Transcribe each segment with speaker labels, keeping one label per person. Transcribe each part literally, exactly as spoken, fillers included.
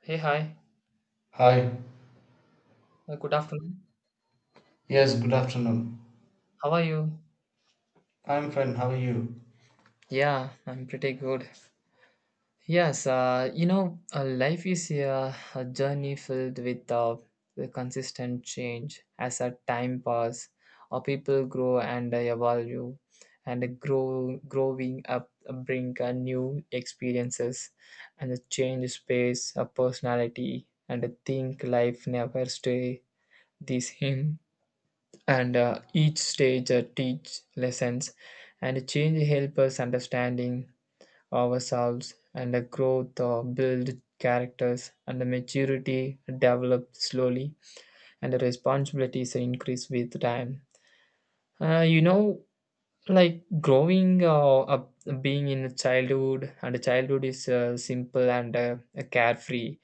Speaker 1: Hey, hi.
Speaker 2: Hi.
Speaker 1: Uh, good afternoon.
Speaker 2: Yes, good afternoon.
Speaker 1: How are you?
Speaker 2: I'm fine. How are you?
Speaker 1: Yeah, I'm pretty good. Yes, uh, you know, uh, life is a, a journey filled with uh, the consistent change as a time pass, or people grow and uh, evolve, and grow, growing up uh, bring uh, new experiences, and the change space, a personality, and I think life never stay the same. and uh, each stage uh, teach lessons and change help us understanding ourselves and the growth uh, build characters and the maturity develop slowly and the responsibilities increase with time, uh, you know, like growing uh, up, being in childhood. And childhood is uh, simple and uh, carefree,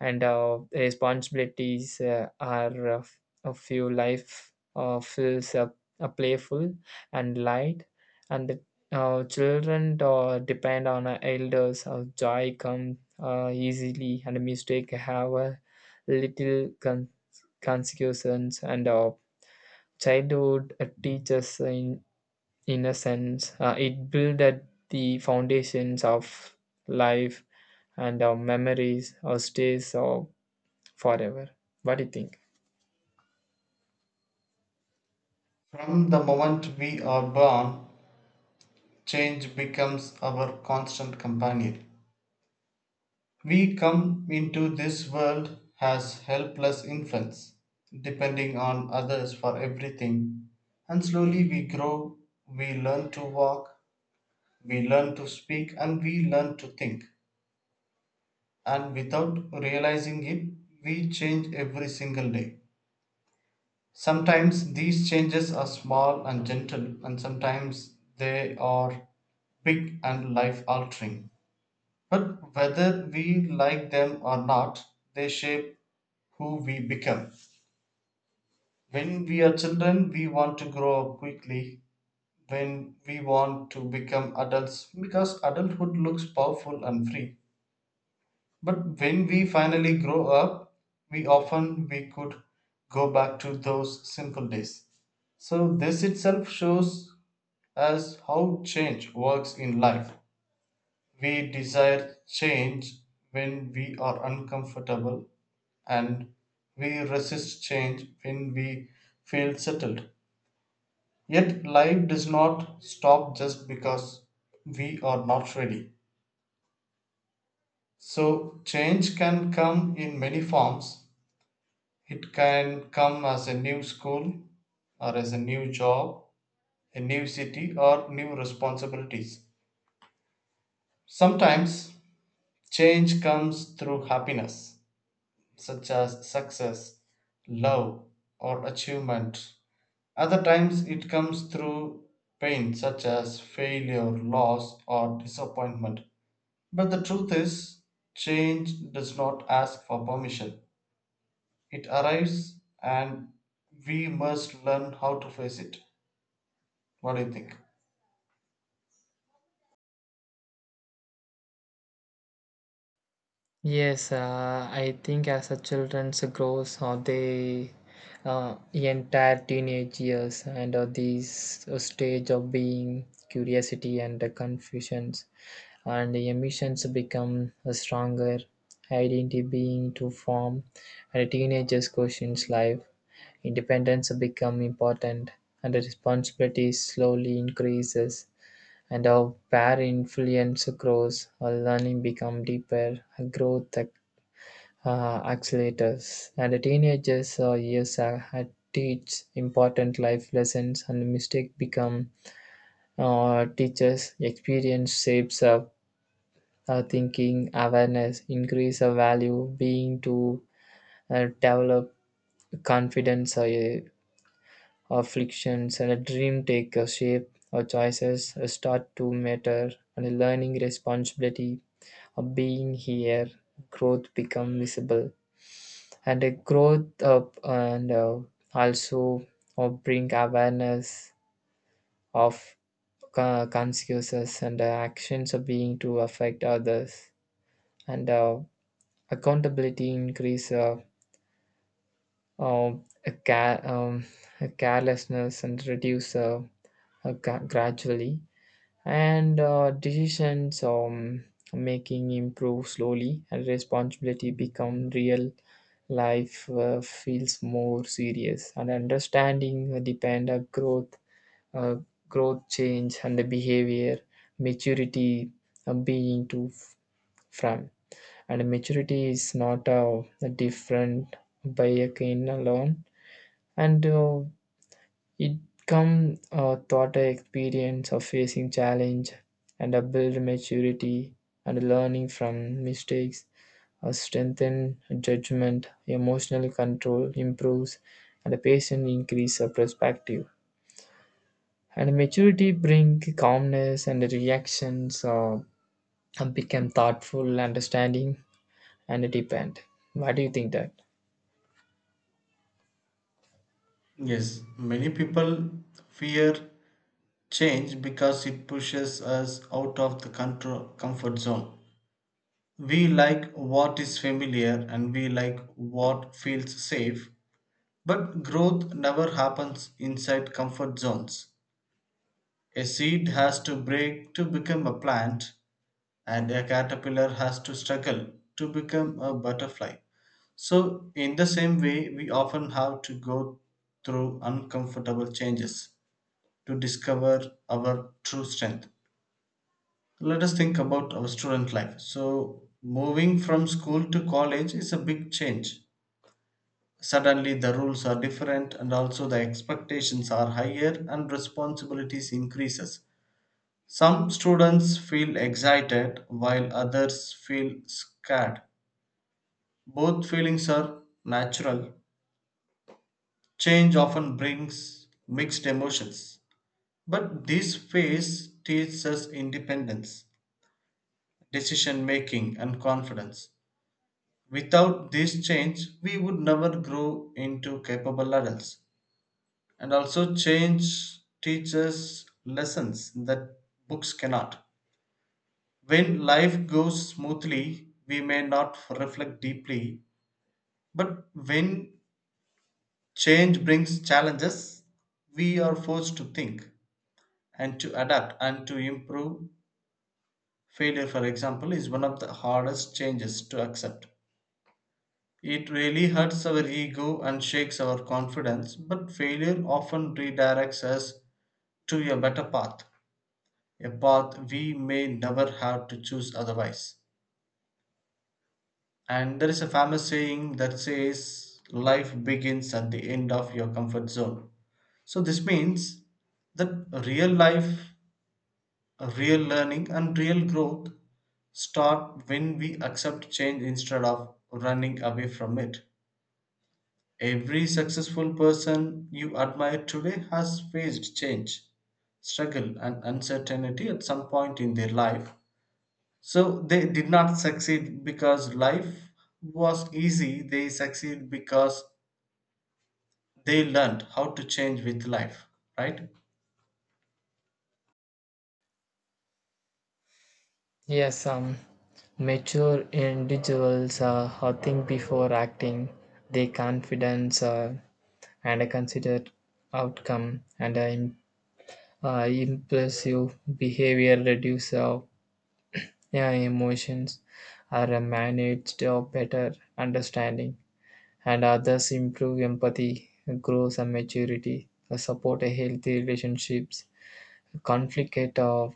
Speaker 1: and uh, responsibilities uh, are uh, f- a few, life uh, feels uh, uh, playful and light, and the uh, children uh, depend on uh, elders, uh, joy come uh, easily, and mistake have a little con- consequences, and uh, childhood uh, teaches in innocence, uh, it builds the foundations of life, and our memories or stays or forever. What do you think?
Speaker 2: From the moment we are born, change becomes our constant companion. We come into this world as helpless infants, depending on others for everything. And slowly we grow, we learn to walk, we learn to speak, and we learn to think. And without realizing it, we change every single day. Sometimes these changes are small and gentle, and sometimes they are big and life altering. But whether we like them or not, they shape who we become. When we are children, we want to grow up quickly. When we want to become adults, because adulthood looks powerful and free. But when we finally grow up, we often we could go back to those simple days. So this itself shows us how change works in life. We desire change when we are uncomfortable, and we resist change when we feel settled. Yet life does not stop just because we are not ready. So change can come in many forms. It can come as a new school, or as a new job, a new city, or new responsibilities. Sometimes change comes through happiness, such as success, love, or achievement. Other times it comes through pain, such as failure, loss, or disappointment. But the truth is, change does not ask for permission. It arrives, and we must learn how to face it. What do you think?
Speaker 1: Yes, uh, I think as the children grows, or they uh, entire teenage years, and uh, this stage of being curiosity and uh, confusions, and the emotions become a stronger identity being to form, and a teenager's questions life. Independence become important and the responsibility slowly increases. And how peer influence grows, our learning become deeper, our growth uh, accelerates, and the teenagers' uh, years are, are teach important life lessons, and mistake become uh, teachers. Experience shapes our, our thinking, awareness, increase our value, being to uh, develop confidence, or uh, afflictions, and a dream take a shape. Our choices start to matter, and learning responsibility of being here, growth become visible, and a growth up, and uh, also uh, bring awareness of uh, consequences and uh, actions of being to affect others, and uh, accountability increase, uh, uh, a ca- um, a carelessness and reduce uh, uh, gra- gradually, and uh, decisions um, making improve slowly, and responsibility become real life, uh, feels more serious, and understanding uh, depend on growth, uh, growth change, and the behavior maturity uh, being to f- from. And maturity is not uh, different by a kind alone, and uh, it come uh, taught a experience of facing challenge and a build maturity, and learning from mistakes, a strengthen judgment, emotional control improves, and a patient increase of perspective. And maturity bring calmness, and the reactions uh, become thoughtful, understanding, and depend. What do you think that?
Speaker 2: Yes, many people fear change because it pushes us out of the control, comfort zone. We like what is familiar and we like what feels safe, but growth never happens inside comfort zones. A seed has to break to become a plant, and a caterpillar has to struggle to become a butterfly. So, in the same way, we often have to go through uncomfortable changes to discover our true strength. Let us think about our student life. So, moving from school to college is a big change. Suddenly, the rules are different, and also the expectations are higher, and responsibilities increases. Some students feel excited, while others feel scared. Both feelings are natural. Change often brings mixed emotions, but this phase teaches us independence, decision making, and confidence. Without this change, we would never grow into capable adults. And also, change teaches lessons that books cannot. When life goes smoothly, we may not reflect deeply, but when change brings challenges, we are forced to think and to adapt and to improve. Failure, for example, is one of the hardest changes to accept. It really hurts our ego and shakes our confidence, but failure often redirects us to a better path, a path we may never have to choose otherwise. And there is a famous saying that says, "Life begins at the end of your comfort zone." So, this means that real life, real learning, and real growth start when we accept change instead of running away from it. Every successful person you admire today has faced change, struggle, and uncertainty at some point in their life. So they did not succeed because life was easy, they succeed because they learned how to change with life, right?
Speaker 1: Yes, um, mature individuals uh, who think before acting, they confidence uh, and a considered outcome, and a im- uh, impulsive behavior reduce, uh, yeah, emotions are uh, managed or better understanding, and others improve empathy, grows a maturity, uh, support a healthy relationships, conflict uh,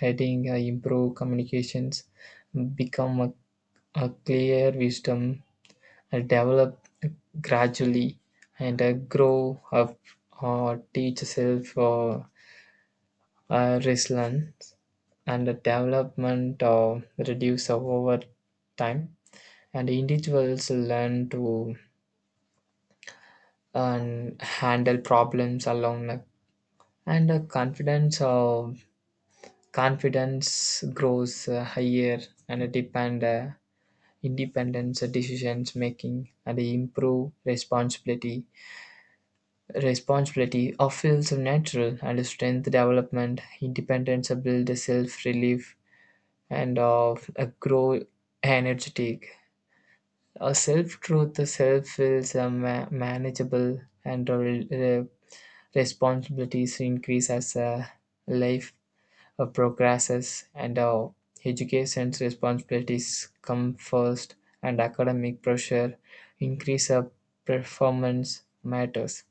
Speaker 1: heading, uh, improve communications, become a, a clear wisdom, uh, develop gradually, and uh, grow up or teach self uh, uh, resilience, and the development uh, reduce over time. And individuals learn to um, handle problems along the and uh, confidence of confidence grows uh, higher, and uh, depend. Uh, Independence, decision-making, and improve responsibility. Responsibility of feels natural and strength development. Independence build a self-relief and of a grow energetic. A self-truth the self feels uh, ma- manageable, and uh, re- responsibilities increase as uh, life uh, progresses, and our education's responsibilities come first, and academic pressure increase, uh, performance matters,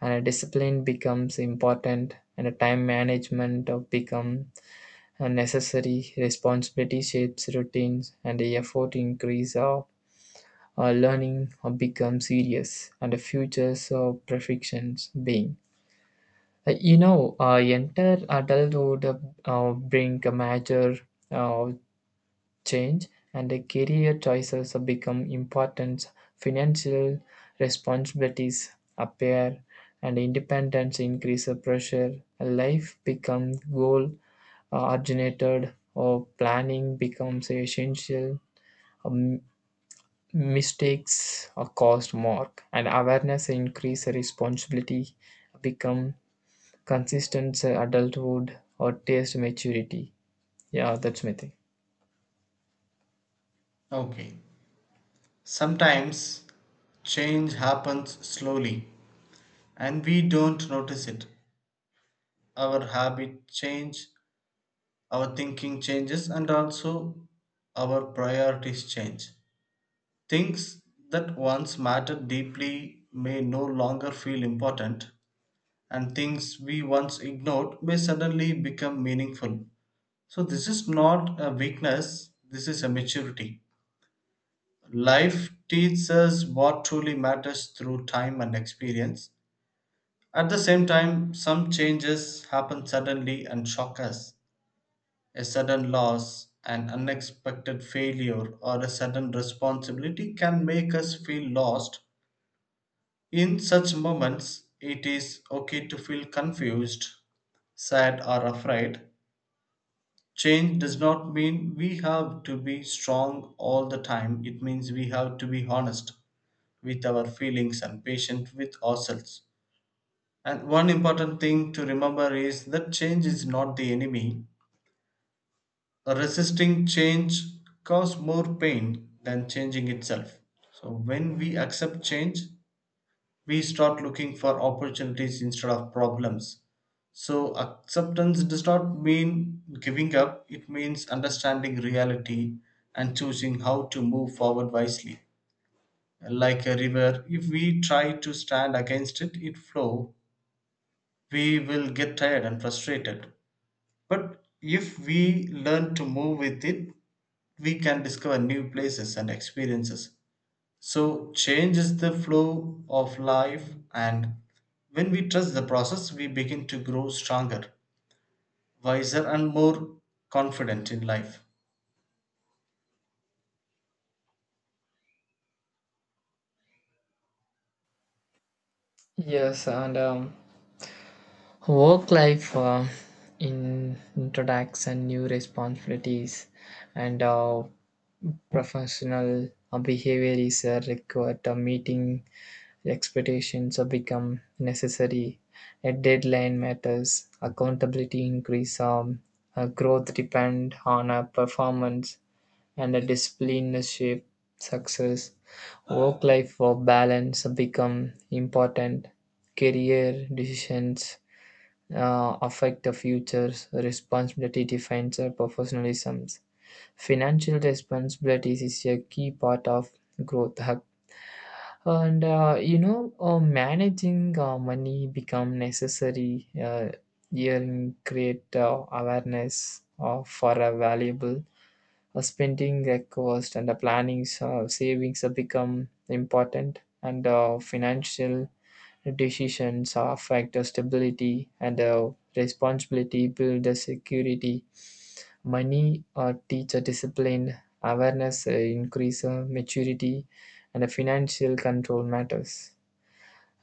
Speaker 1: and a discipline becomes important, and a time management of become a necessary responsibility shapes routines, and the effort increase of uh, learning uh, becomes serious, and the future's of perfections being uh, you know, uh, enter adulthood uh, uh, bring a major uh, change, and the career choices have become important. Financial responsibilities appear, and independence increases pressure. Life becomes goal uh, originated, or planning becomes essential. Um, Mistakes are cost more, and awareness increase responsibility become consistent uh, adulthood or taste maturity. Yeah, that's my thing.
Speaker 2: Okay. Sometimes change happens slowly and we don't notice it. Our habit change, our thinking changes, and also our priorities change. Things that once mattered deeply may no longer feel important, and things we once ignored may suddenly become meaningful. So, this is not a weakness, this is a maturity. Life teaches us what truly matters through time and experience. At the same time, some changes happen suddenly and shock us. A sudden loss, an unexpected failure, or a sudden responsibility can make us feel lost. In such moments, it is okay to feel confused, sad, or afraid. Change does not mean we have to be strong all the time, it means we have to be honest with our feelings and patient with ourselves. And one important thing to remember is that change is not the enemy. Resisting change causes more pain than changing itself. So, when we accept change, we start looking for opportunities instead of problems. So, acceptance does not mean giving up, it means understanding reality and choosing how to move forward wisely. Like a river, if we try to stand against it, it flow, we will get tired and frustrated. But if we learn to move with it, we can discover new places and experiences. So, change is the flow of life, and when we trust the process, we begin to grow stronger, wiser, and more confident in life.
Speaker 1: Yes, and um, work life uh, in introducts and new responsibilities, and uh, professional uh, behavior is uh, required. Uh, meeting expectations uh, become necessary. A deadline matters. Accountability increase. Um, uh, growth depend on uh, performance, and a discipline shape success. Work life uh, balance become important. Career decisions uh, affect the future's responsibility defines our professionalisms. Financial responsibilities is a key part of growth hub. And uh, you know, uh, managing uh, money become necessary, uh, here create uh, awareness uh, for a valuable uh, spending uh, cost, and the planning uh, savings uh, become important, and uh, financial decisions affect the stability, and the responsibility build the security money or teacher discipline awareness uh, increase uh, maturity, and the financial control matters.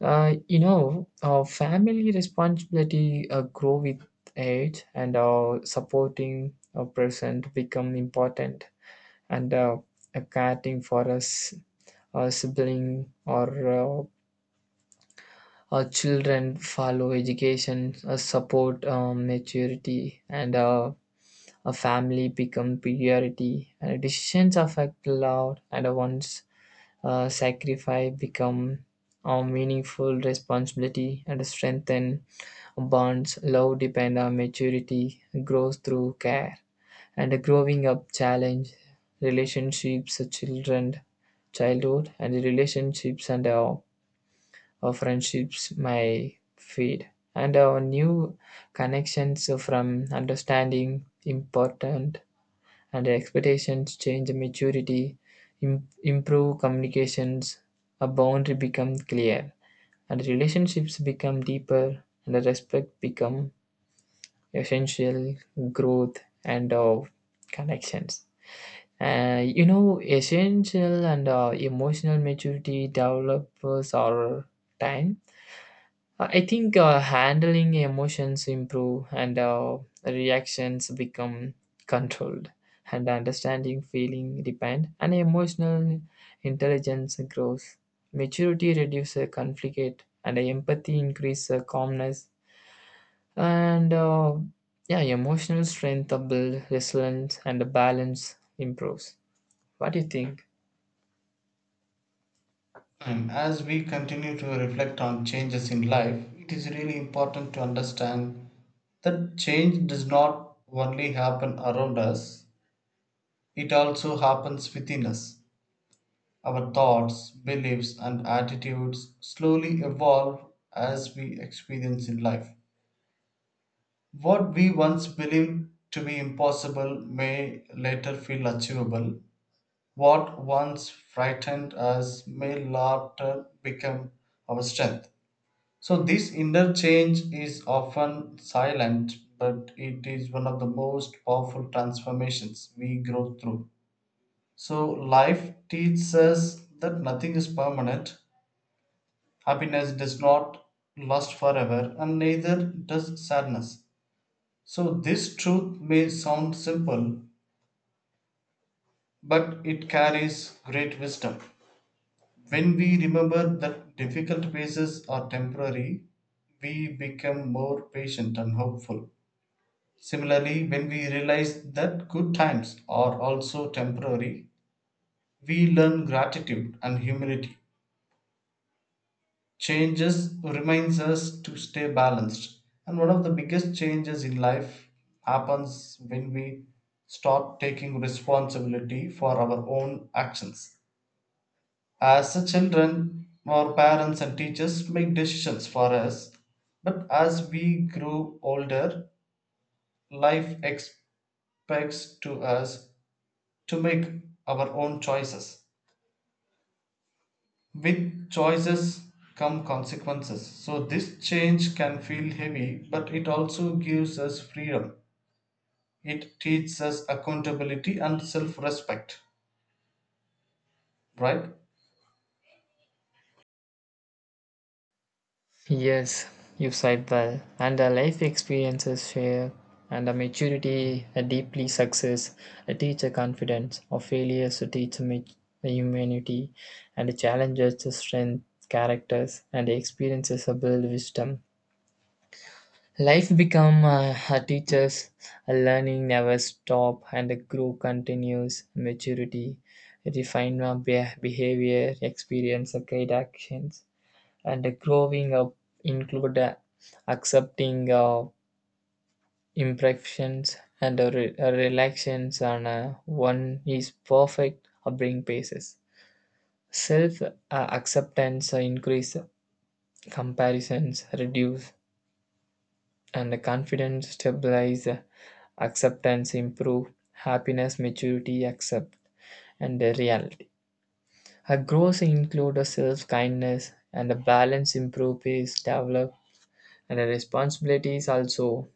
Speaker 1: uh, You know, uh, family responsibility uh, grow with age, and uh, supporting a person become important, and uh, uh, caring for us a sibling or uh, uh, children follow education, uh, support um, maturity, and uh, a family become priority. And decisions affect loud, and one's uh, sacrifice become a meaningful responsibility and strengthen bonds. Love depend on maturity, grows through care, and growing up challenge relationships, uh, children, childhood, and relationships, and uh, our friendships may fade, and our new connections from understanding important, and expectations change maturity, im- improve communications, a boundary become clear, and relationships become deeper, and the respect become essential growth and of connections. Uh, you know, essential, and uh, emotional maturity develops over time, uh, I think uh, handling emotions improve, and uh, reactions become controlled, and understanding feeling depend, and emotional intelligence grows. Maturity reduces conflict, and empathy increases calmness, and uh, yeah, emotional strength builds resilience, and the balance improves. What do you think?
Speaker 2: And as we continue to reflect on changes in life, it is really important to understand that change does not only happen around us, it also happens within us. Our thoughts, beliefs, and attitudes slowly evolve as we experience in life. What we once believed to be impossible may later feel achievable. What once frightened us may later become our strength. So, this interchange is often silent, but it is one of the most powerful transformations we grow through. So, life teaches us that nothing is permanent, happiness does not last forever, and neither does sadness. So, this truth may sound simple, but it carries great wisdom. When we remember that difficult phases are temporary, we become more patient and hopeful. Similarly, when we realize that good times are also temporary, we learn gratitude and humility. Changes reminds us to stay balanced, and one of the biggest changes in life happens when we start taking responsibility for our own actions. As a children, our parents and teachers make decisions for us, but as we grow older, life expects to us to make our own choices. With choices come consequences. So, this change can feel heavy, but it also gives us freedom. It teaches us accountability and self respect, right?
Speaker 1: Yes, you said well. And the life experiences share, and the maturity, a deeply success, a teacher confidence, or failures to teach me humanity, and the challenges to strength, characters, and the experiences to build wisdom. Life become uh, a teacher's a learning never stop, and the grow continues maturity, refine our be behavior, experience, and guide actions, and growing up include uh, accepting uh, imperfections, and uh, re- uh, relaxations on uh, one is perfect upbringing basis self uh, acceptance uh, increase, comparisons reduce, and confidence stabilize, uh, acceptance improve happiness maturity accept and uh, reality, a growth include a self kindness, and a balance improve is develop, and the responsibilities also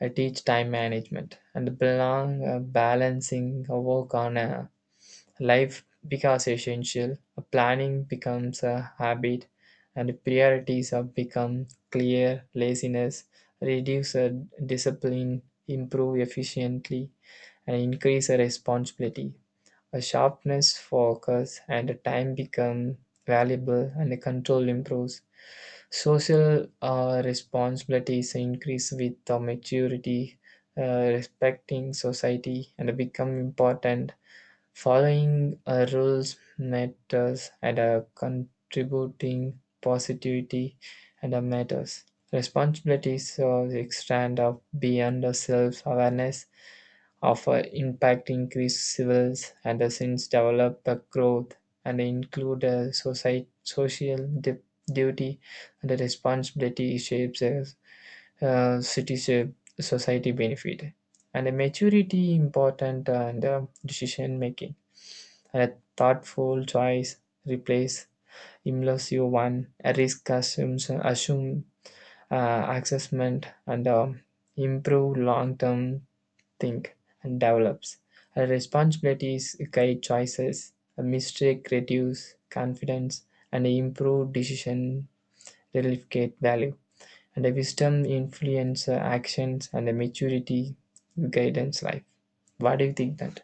Speaker 1: I teach time management, and belong uh, balancing a work on a life becomes essential. A planning becomes a habit, and priorities have become clear. Laziness reduce, uh, discipline, improve efficiently, and increase uh, responsibility. A sharpness focus, and a time become valuable, and the control improves. Social uh, responsibilities increase with the maturity, uh, respecting society and become important. Following uh, rules matters, and uh, contributing positivity and uh, matters. Responsibilities uh, extend up beyond the self-awareness of uh, impact increase civils, and the sins develop the growth, and include a society, social du- duty, and the responsibility shapes a uh, city shape, society benefit, and the maturity important, and uh, decision making, and a thoughtful choice replace impulsive one, a risk assumes assume uh, assessment, and um, improve long term think and develops. Our responsibilities guide choices, a mistake reduce confidence, and improve decision relief value. And the wisdom influence uh, actions, and the maturity guidance life. What do you think that?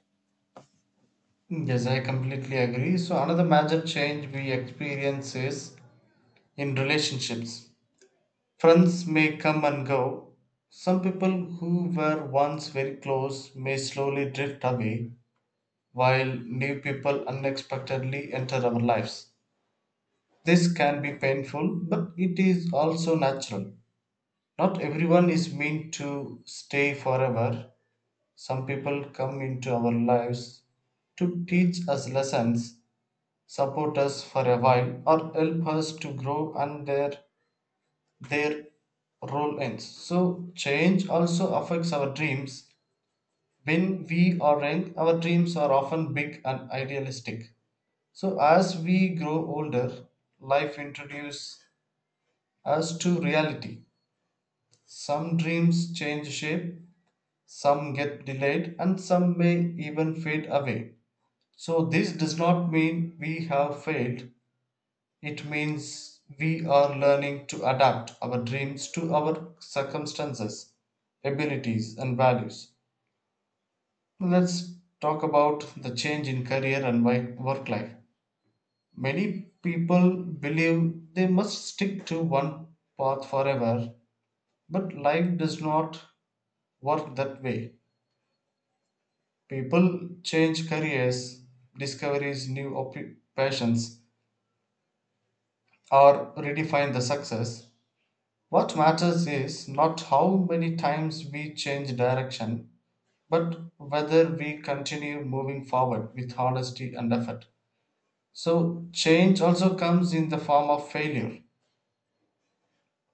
Speaker 2: Yes, I completely agree. So, another major change we experience is in relationships. Friends may come and go. Some people who were once very close may slowly drift away, while new people unexpectedly enter our lives. This can be painful, but it is also natural. Not everyone is meant to stay forever. Some people come into our lives to teach us lessons, support us for a while, or help us to grow, and their, their role ends. So, change also affects our dreams. When we are young, our dreams are often big and idealistic. So, as we grow older, life introduces us to reality. Some dreams change shape, some get delayed, and some may even fade away. So, this does not mean we have failed, it means we are learning to adapt our dreams to our circumstances, abilities, and values. Let's talk about the change in career and wi- work life. Many people believe they must stick to one path forever, but life does not work that way. People change careers, discovers new occupations, or redefine the success. What matters is not how many times we change direction, but whether we continue moving forward with honesty and effort. So, change also comes in the form of failure.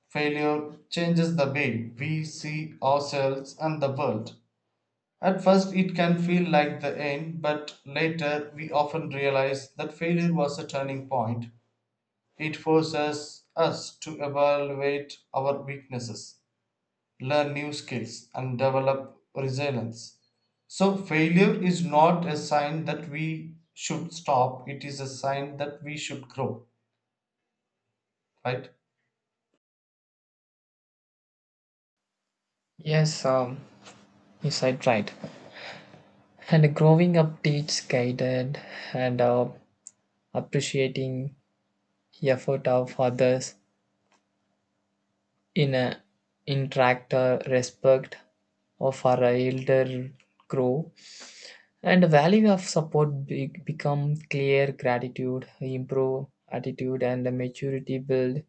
Speaker 2: Failure changes the way we see ourselves and the world. At first, it can feel like the end, but later we often realize that failure was a turning point. It forces us to evaluate our weaknesses, learn new skills, and develop resilience. So, failure is not a sign that we should stop, it is a sign that we should grow, right?
Speaker 1: Yes, um, you said right. And growing up teaches guided, and uh, appreciating effort of others in a interact uh, respect of our elder grow, and the value of support be- become clear, gratitude improve attitude, and the maturity build,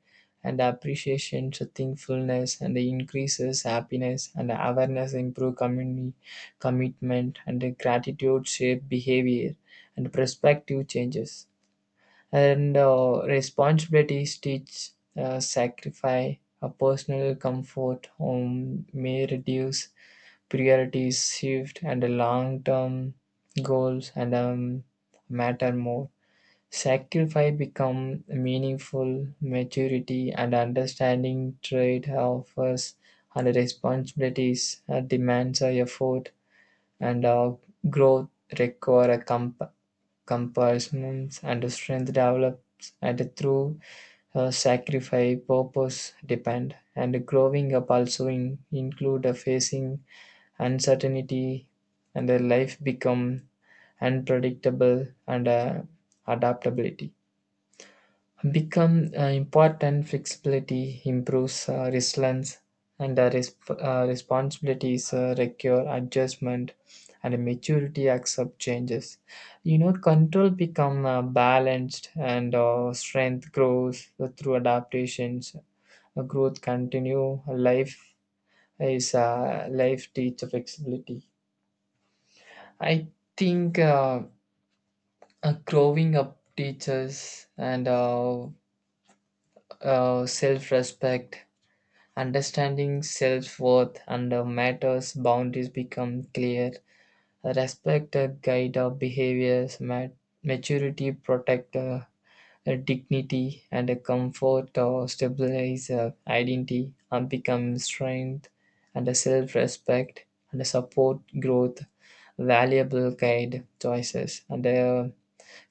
Speaker 1: and appreciation to thankfulness, and the increases happiness, and the awareness improve community commitment, and the gratitude shape behavior, and perspective changes, and uh, responsibilities teach uh, sacrifice, a personal comfort home may reduce, priorities shift, and the long-term goals, and um, matter more sacrifice become meaningful maturity, and understanding trade offers, and responsibilities uh, demands a effort, and uh, growth require a comp- compulsions, and strength develops, and through uh, sacrifice purpose depend, and growing up also in, include a facing uncertainty, and the life become unpredictable, and uh, adaptability become uh, important, flexibility improves uh, resilience, and uh, resp- uh, responsibilities uh, require adjustment, and maturity accept changes, you know, control become uh, balanced, and uh, strength grows through adaptations. Uh, growth continue life is uh, life teach flexibility, I think. Uh, uh, growing up teaches, and uh, uh, self-respect, understanding self worth and uh, matters, boundaries become clear. Respect uh, guide our behaviors, mat- maturity protect uh, uh, dignity, and uh, comfort or stabilize uh, identity and become strength, and uh, self respect, and uh, support growth. Valuable guide choices, and uh,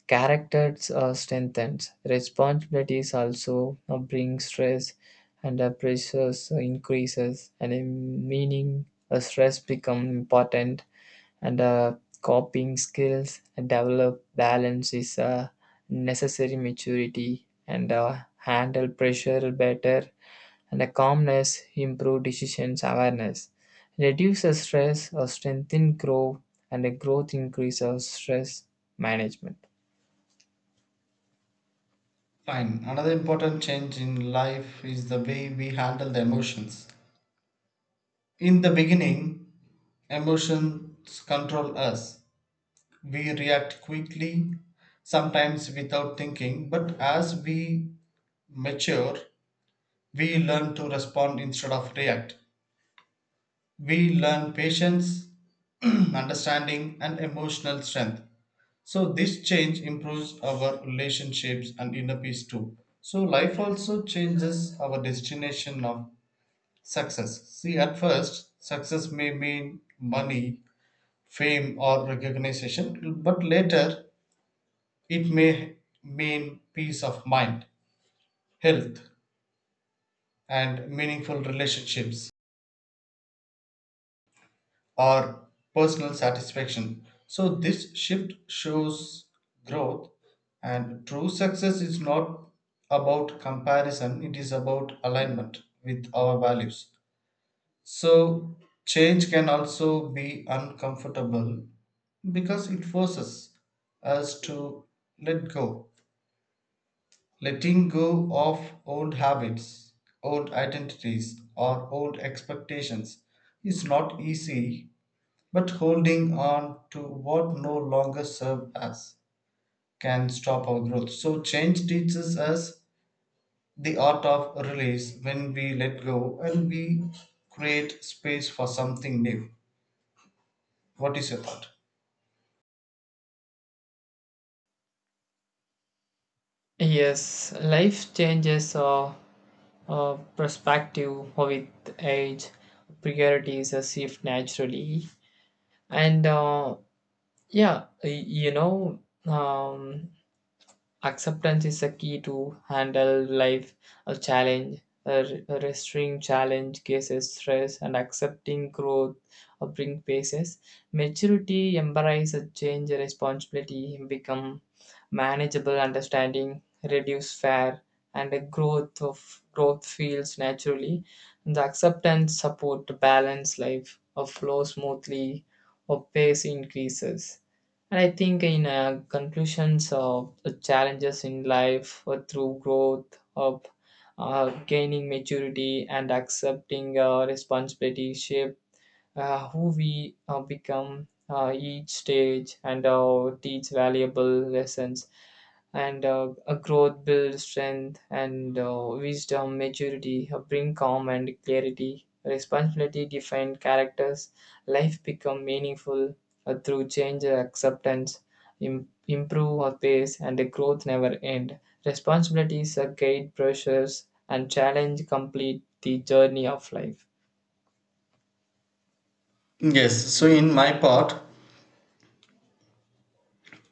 Speaker 1: characters are strengthened. Responsibilities also uh, bring stress, and the pressures increases, and in meaning uh, stress become important, and uh, coping skills and develop balance is a necessary maturity, and uh, handle pressure better, and a calmness improve decisions awareness, reduces stress or strengthen grow, and a growth increase of stress management.
Speaker 2: Fine. Another important change in life is the way we handle the emotions. In the beginning, emotions control us. We react quickly, sometimes without thinking, but as we mature, we learn to respond instead of react. We learn patience, understanding, and emotional strength. So this change improves our relationships and inner peace too. So life also changes our destination of success. See, at first, success may mean money, fame, or recognition, but later it may mean peace of mind, health, and meaningful relationships or personal satisfaction. So, this shift shows growth, and true success is not about comparison, it is about alignment with our values. So, change can also be uncomfortable because it forces us to let go. Letting go of old habits, old identities, or old expectations is not easy, but holding on to what no longer serves us can stop our growth. So, change teaches us the art of release when we let go, and we create space for something new. What is your thought?
Speaker 1: Yes, life changes our, our perspective with age. Priorities are shift naturally, and uh, yeah, y- you know, um, acceptance is a key to handle life, a challenge, a re- challenge, cases, stress, and accepting growth or bring paces. Maturity embraces change, responsibility, become manageable, understanding, reduce fear, and the growth of growth feels naturally. And the acceptance support balance life, or flow smoothly, or pace increases. And I think in uh, conclusions of the challenges in life uh, through growth of uh, gaining maturity and accepting uh, responsibility shape uh, who we uh, become, uh, each stage and uh, teach valuable lessons, and uh, a growth builds strength, and uh, wisdom maturity uh, bring calm and clarity, responsibility define characters, life become meaningful uh, through change, uh, acceptance Im- improve our pace, and the growth never end, responsibilities are guide pressures, and challenge complete the journey of life.
Speaker 2: Yes, so in my part,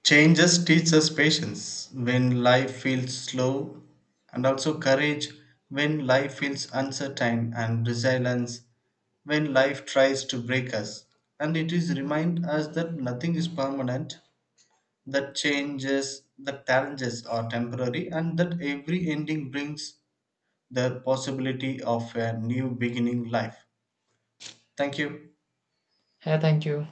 Speaker 2: changes teach us patience when life feels slow, and also courage when life feels uncertain, and resilience when life tries to break us. And it is remind us that nothing is permanent, that changes, that challenges are temporary, and that every ending brings the possibility of a new beginning life. Thank you.
Speaker 1: Yeah, thank you.